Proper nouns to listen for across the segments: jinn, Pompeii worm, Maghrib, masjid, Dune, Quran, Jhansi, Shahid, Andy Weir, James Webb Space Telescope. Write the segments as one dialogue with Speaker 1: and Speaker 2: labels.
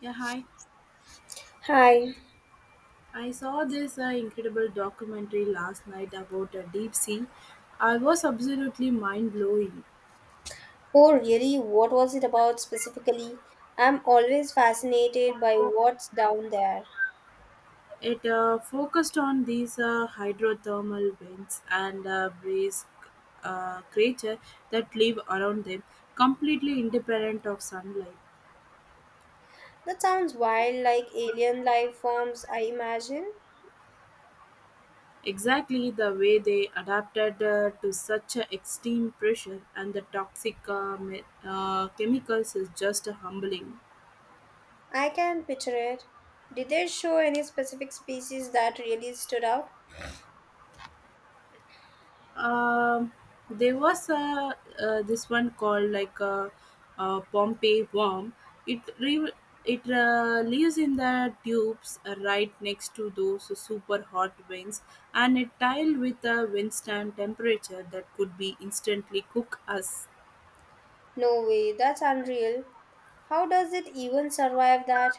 Speaker 1: Yeah, hi.
Speaker 2: Hi.
Speaker 1: I saw this incredible documentary last night about deep sea. I was absolutely mind blowing.
Speaker 2: Oh, really? What was it about specifically? I'm always fascinated by what's down there.
Speaker 1: It focused on these hydrothermal vents and brace creature that live around them, completely independent of sunlight.
Speaker 2: That sounds wild, like alien life forms, I imagine.
Speaker 1: Exactly the way they adapted to such a extreme pressure and the toxic chemicals is just humbling.
Speaker 2: I can picture it. Did they show any specific species that really stood out?
Speaker 1: Um, there was a this one called like a Pompeii worm. It re- it lives in the tubes right next to those super hot vents, and it tiled with a wind stand temperature that could be instantly cook us.
Speaker 2: No way, that's unreal. How does it even survive that?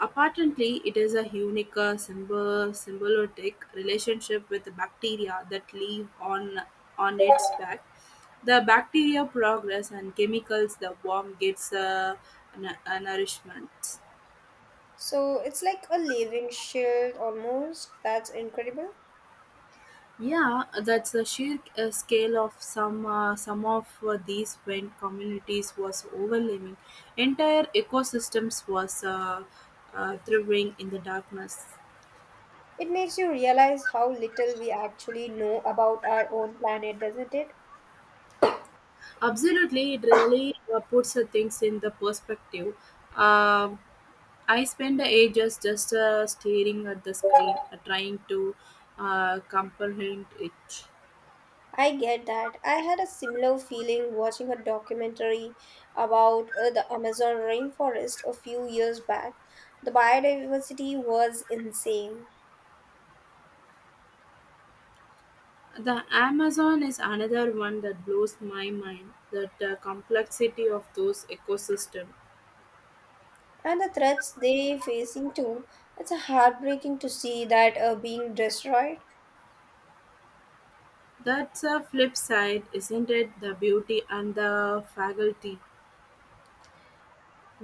Speaker 1: Apparently, it is a unique symbiotic relationship with bacteria that live on its back. The bacteria progress and chemicals the worm gets nourishment.
Speaker 2: So it's like a living shield almost. That's incredible.
Speaker 1: Yeah, that's the sheer scale of some of these wind communities was overwhelming. Entire ecosystems was thriving in the darkness.
Speaker 2: It makes you realize how little we actually know about our own planet, doesn't it?
Speaker 1: Absolutely, it really puts the things in the perspective. Um I spend ages just staring at the screen, trying to comprehend it.
Speaker 2: I get that. I had a similar feeling watching a documentary about the Amazon rainforest a few years back. The biodiversity was insane,
Speaker 1: The Amazon is another one that blows my mind. That complexity of those ecosystem.
Speaker 2: and the threats they facing too. It's a heartbreaking to see that being destroyed.
Speaker 1: That's a flip side, isn't it? The beauty and the faculty.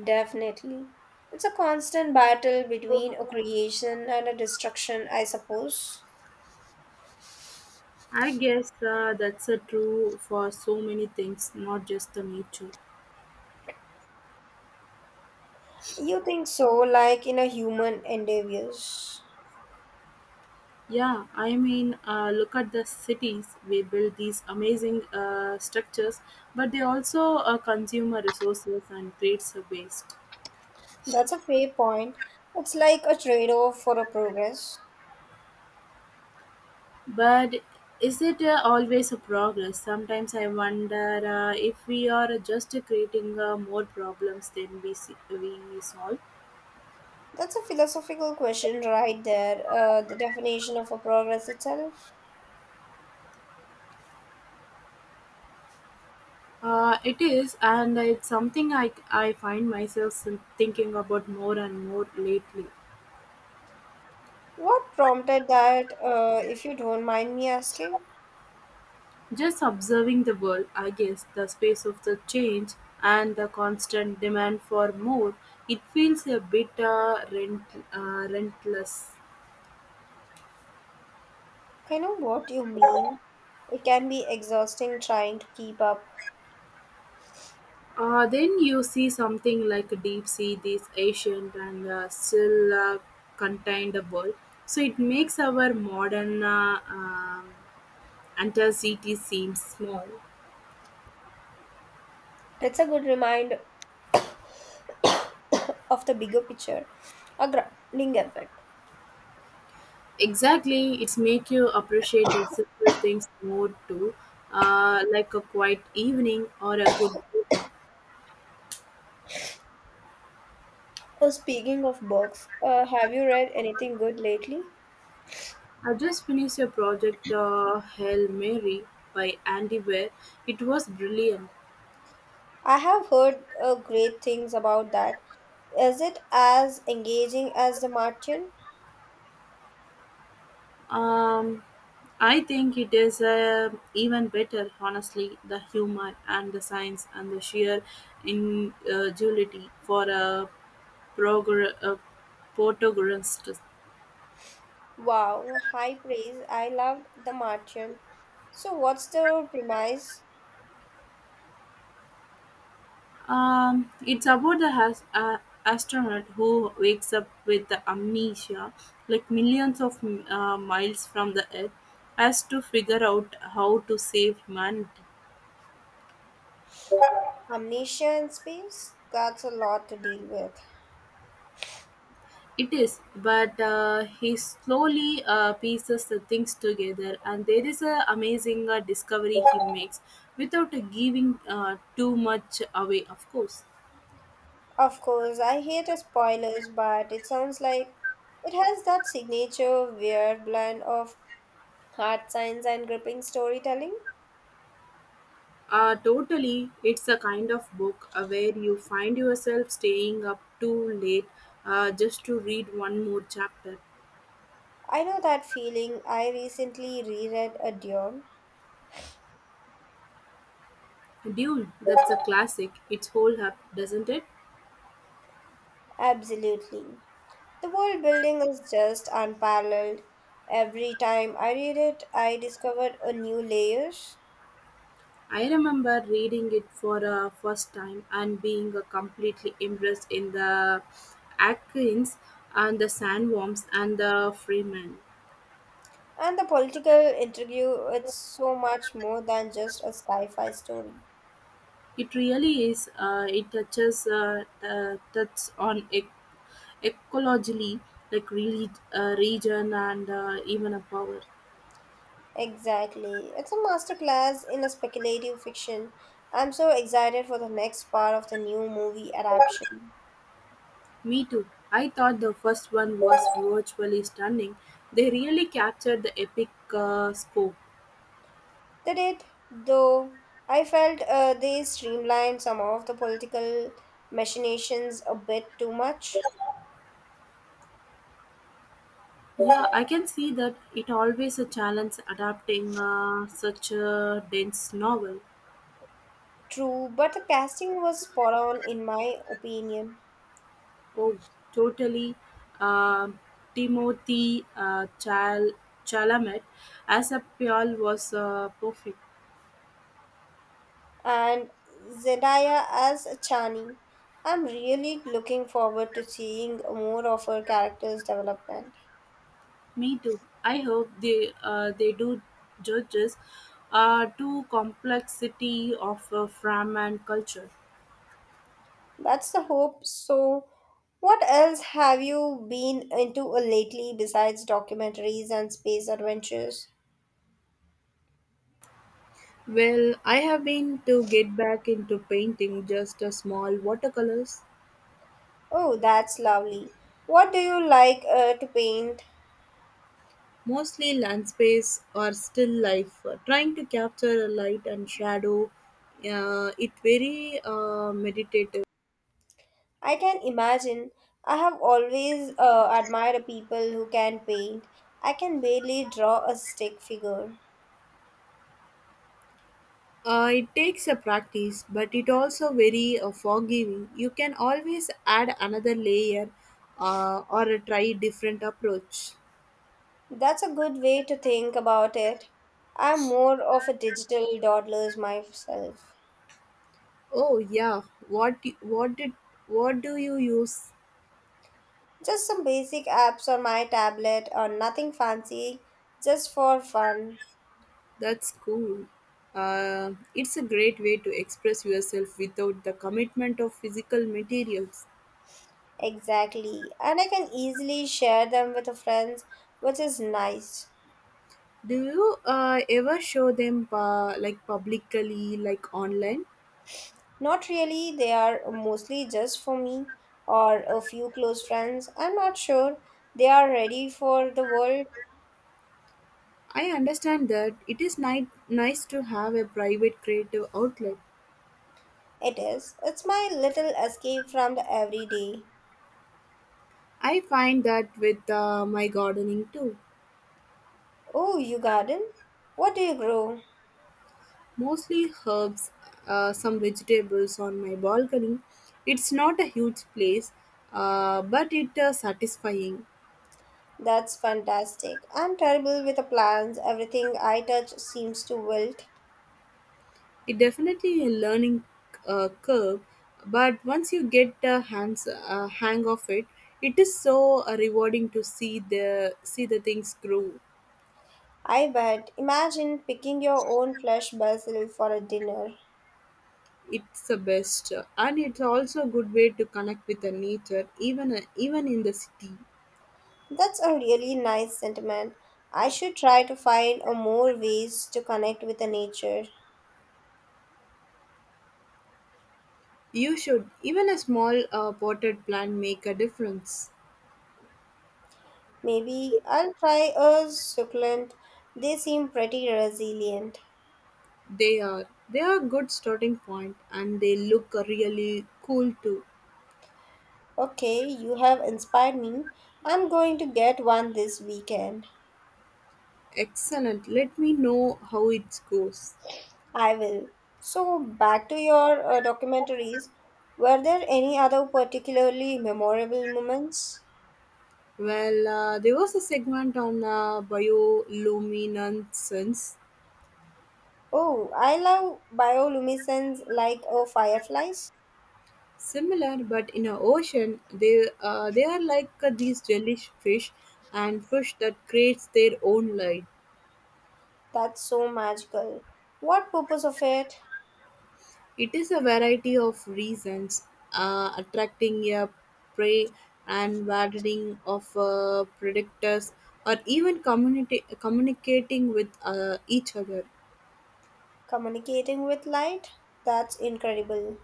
Speaker 2: Definitely. It's a constant battle between a creation and a destruction, I suppose.
Speaker 1: I guess that's a true for so many things, not just the nature.
Speaker 2: You think so, like in a human endeavors.
Speaker 1: Yeah, I mean, look at the cities. We build these amazing structures, but they also consume our resources and creates a waste.
Speaker 2: That's a fair point. It's like a trade-off for a progress.
Speaker 1: But is it always a progress? Sometimes I wonder if we are just creating more problems than we see, we solve.
Speaker 2: That's a philosophical question right there. The definition of a progress itself.
Speaker 1: It is, and it's something I find myself thinking about more and more lately.
Speaker 2: What prompted that, if you don't mind me asking?
Speaker 1: Just observing the world, I guess, the space of the change and the constant demand for more, it feels a bit rentless.
Speaker 2: I know what you mean. It can be exhausting trying to keep up.
Speaker 1: Then you see something like deep sea, this ancient and still contained world. So it makes our modern city seem small.
Speaker 2: It's a good reminder of the bigger picture, a grounding effect.
Speaker 1: Exactly, it's make you appreciate the simple things more too, like a quiet evening or a good book.
Speaker 2: Oh, speaking of books, have you read anything good lately?
Speaker 1: I just finished a project, Hail Mary by Andy Weir. It was brilliant.
Speaker 2: I have heard great things about that. Is it as engaging as The Martian?
Speaker 1: Um, I think it is even better, honestly, the humor and the science and the sheer ingenuity for a protagonist.
Speaker 2: Wow, high praise. I loved The Martian. So, what's the premise?
Speaker 1: It's about the astronaut who wakes up with the amnesia, like millions of miles from the Earth, has to figure out how to save humanity.
Speaker 2: Amnesia in space? That's a lot to deal with.
Speaker 1: It is, but he slowly pieces the things together, and there is a amazing discovery he makes without giving too much away, of course.
Speaker 2: Of course, I hate spoilers, but it sounds like it has that signature weird blend of hard science and gripping storytelling.
Speaker 1: Totally. It's a kind of book where you find yourself staying up too late just to read one more chapter.
Speaker 2: I know that feeling. I recently reread A Dune.
Speaker 1: Dune, that's a classic. It's whole up, doesn't it?
Speaker 2: Absolutely. The world building is just unparalleled. Every time I read it, I discovered a new layers.
Speaker 1: I remember reading it for a first time and being completely immersed in the Atkins and the sandworms and the Freeman.
Speaker 2: And the political intrigue, it's so much more than just a sci-fi story.
Speaker 1: It really is. It touches on ecology, like really region and even a power.
Speaker 2: Exactly. It's a masterclass in a speculative fiction. I'm so excited for the next part of the new movie adaptation.
Speaker 1: Me too. I thought the first one was virtually stunning. They really captured the epic scope.
Speaker 2: They did, though I felt they streamlined some of the political machinations a bit too much.
Speaker 1: Yeah, I can see that it always a challenge adapting such a dense novel.
Speaker 2: True, but the casting was spot on in my opinion.
Speaker 1: Oh, totally. Um Timothy Chalamet as a Pyal was perfect.
Speaker 2: And Zendaya as Chani, I'm really looking forward to seeing more of her character's development.
Speaker 1: Me too. I hope they do judges to complexity of Fram and culture.
Speaker 2: That's the hope. So, what else have you been into lately besides documentaries and space adventures?
Speaker 1: Well, I have been to get back into painting just a small watercolors.
Speaker 2: Oh, that's lovely. What do you like to paint?
Speaker 1: Mostly landscapes or still life, trying to capture a light and shadow. It very meditative.
Speaker 2: I can imagine. I have always admired people who can paint. I can barely draw a stick figure.
Speaker 1: It takes a practice, but it also very forgiving. You can always add another layer or try different approach.
Speaker 2: That's a good way to think about it. I'm more of a digital dawdler myself.
Speaker 1: Oh yeah, what what did what do you use?
Speaker 2: Just some basic apps on my tablet or nothing fancy, just for fun.
Speaker 1: That's cool. It's a great way to express yourself without the commitment of physical materials.
Speaker 2: Exactly. And I can easily share them with the friends, which is nice.
Speaker 1: Do you ever show them like publicly, like online?
Speaker 2: Not really, they are mostly just for me or a few close friends. I'm not sure they are ready for the world.
Speaker 1: I understand that it is nice to have a private creative outlet.
Speaker 2: It is. It's my little escape from the everyday.
Speaker 1: I find that with my gardening too.
Speaker 2: Oh, you garden? What do you grow?
Speaker 1: Mostly herbs, some vegetables on my balcony. It's not a huge place, but it satisfying.
Speaker 2: That's fantastic. I'm terrible with the plants. Everything I touch seems to wilt.
Speaker 1: It definitely a learning curve, but once you get the hands hang of it, it is so rewarding to see the things grow.
Speaker 2: I bet. Imagine picking your own fresh basil for a dinner.
Speaker 1: It's the best, and it's also a good way to connect with the nature, even in the city.
Speaker 2: That's a really nice sentiment. I should try to find a more ways to connect with the nature.
Speaker 1: You should even a small potted plant make a difference.
Speaker 2: Maybe I'll try a succulent. They seem pretty resilient.
Speaker 1: They are they are good starting point, and they look really cool too.
Speaker 2: Okay, you have inspired me. I'm going to get one this weekend.
Speaker 1: Excellent. Let me know how it goes.
Speaker 2: I will. So, back to your documentaries. Were there any other particularly memorable moments?
Speaker 1: Well, there was a segment on bioluminescence,
Speaker 2: Oh, I love bioluminescence like fireflies.
Speaker 1: similar, but in a ocean, they are like these jellyfish fish and fish that creates their own light.
Speaker 2: That's so magical. What purpose of it?
Speaker 1: It is a variety of reasons, attracting a prey and watering of predators, or even community communicating with each other.
Speaker 2: Communicating with light? That's incredible.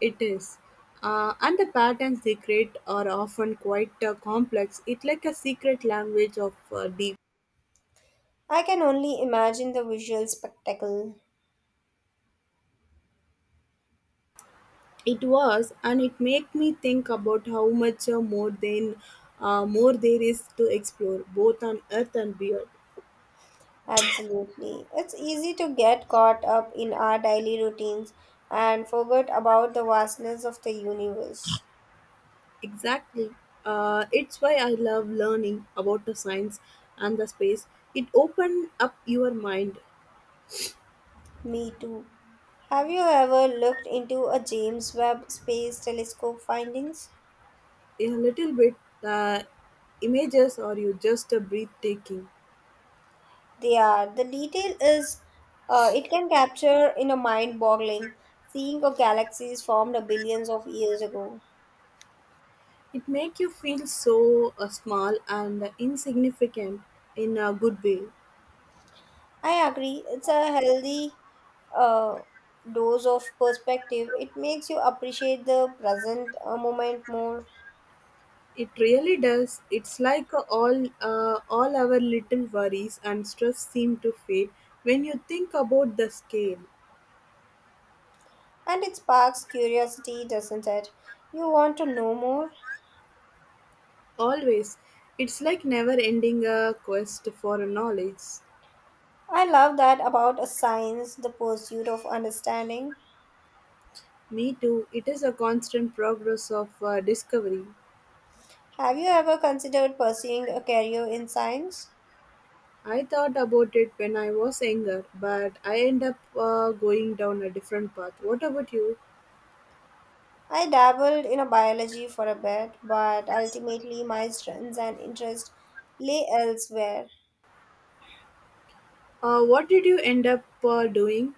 Speaker 1: It is. And the patterns they create are often quite complex. It's like a secret language of deep.
Speaker 2: I can only imagine the visual spectacle.
Speaker 1: It was, and it made me think about how much more there is to explore, both on Earth and beyond.
Speaker 2: Absolutely. It's easy to get caught up in our daily routines and forget about the vastness of the universe.
Speaker 1: Exactly. It's why I love learning about the science and the space. It opens up your mind
Speaker 2: Me too. Have you ever looked into a James Webb Space Telescope findings?
Speaker 1: a little bit. The images are you just breathtaking.
Speaker 2: They are. The detail is, it can capture in a mind boggling, seeing of galaxies formed billions of years ago.
Speaker 1: It make you feel so small and insignificant in a good way.
Speaker 2: I agree. It's a healthy uh, dose of perspective. It makes you appreciate the present moment more.
Speaker 1: It really does. It's like all our little worries and stress seem to fade when you think about the scale.
Speaker 2: And it sparks curiosity, doesn't it? You want to know more?
Speaker 1: Always, it's like never ending a quest for knowledge.
Speaker 2: I love that about a science, the pursuit of understanding.
Speaker 1: Me too. It is a constant progress of discovery.
Speaker 2: Have you ever considered pursuing a career in science?
Speaker 1: I thought about it when I was younger, but I end up going down a different path. What about you?
Speaker 2: I dabbled in a biology for a bit, but ultimately my strengths and interests lay elsewhere.
Speaker 1: What did you end up doing?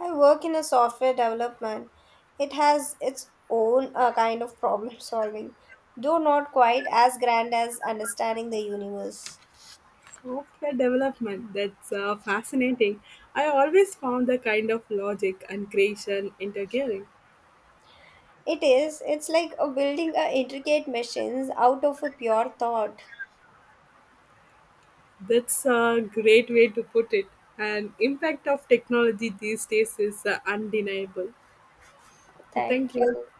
Speaker 2: I work in a software development. It has its own kind of problem solving, though not quite as grand as understanding the universe.
Speaker 1: Software development. That's fascinating. I always found the kind of logic and creation interfering.
Speaker 2: It is. It's like a building a intricate machines out of a pure thought.
Speaker 1: That's a great way to put it. And impact of technology these days is undeniable. So thank
Speaker 2: Thank
Speaker 1: you.
Speaker 2: you.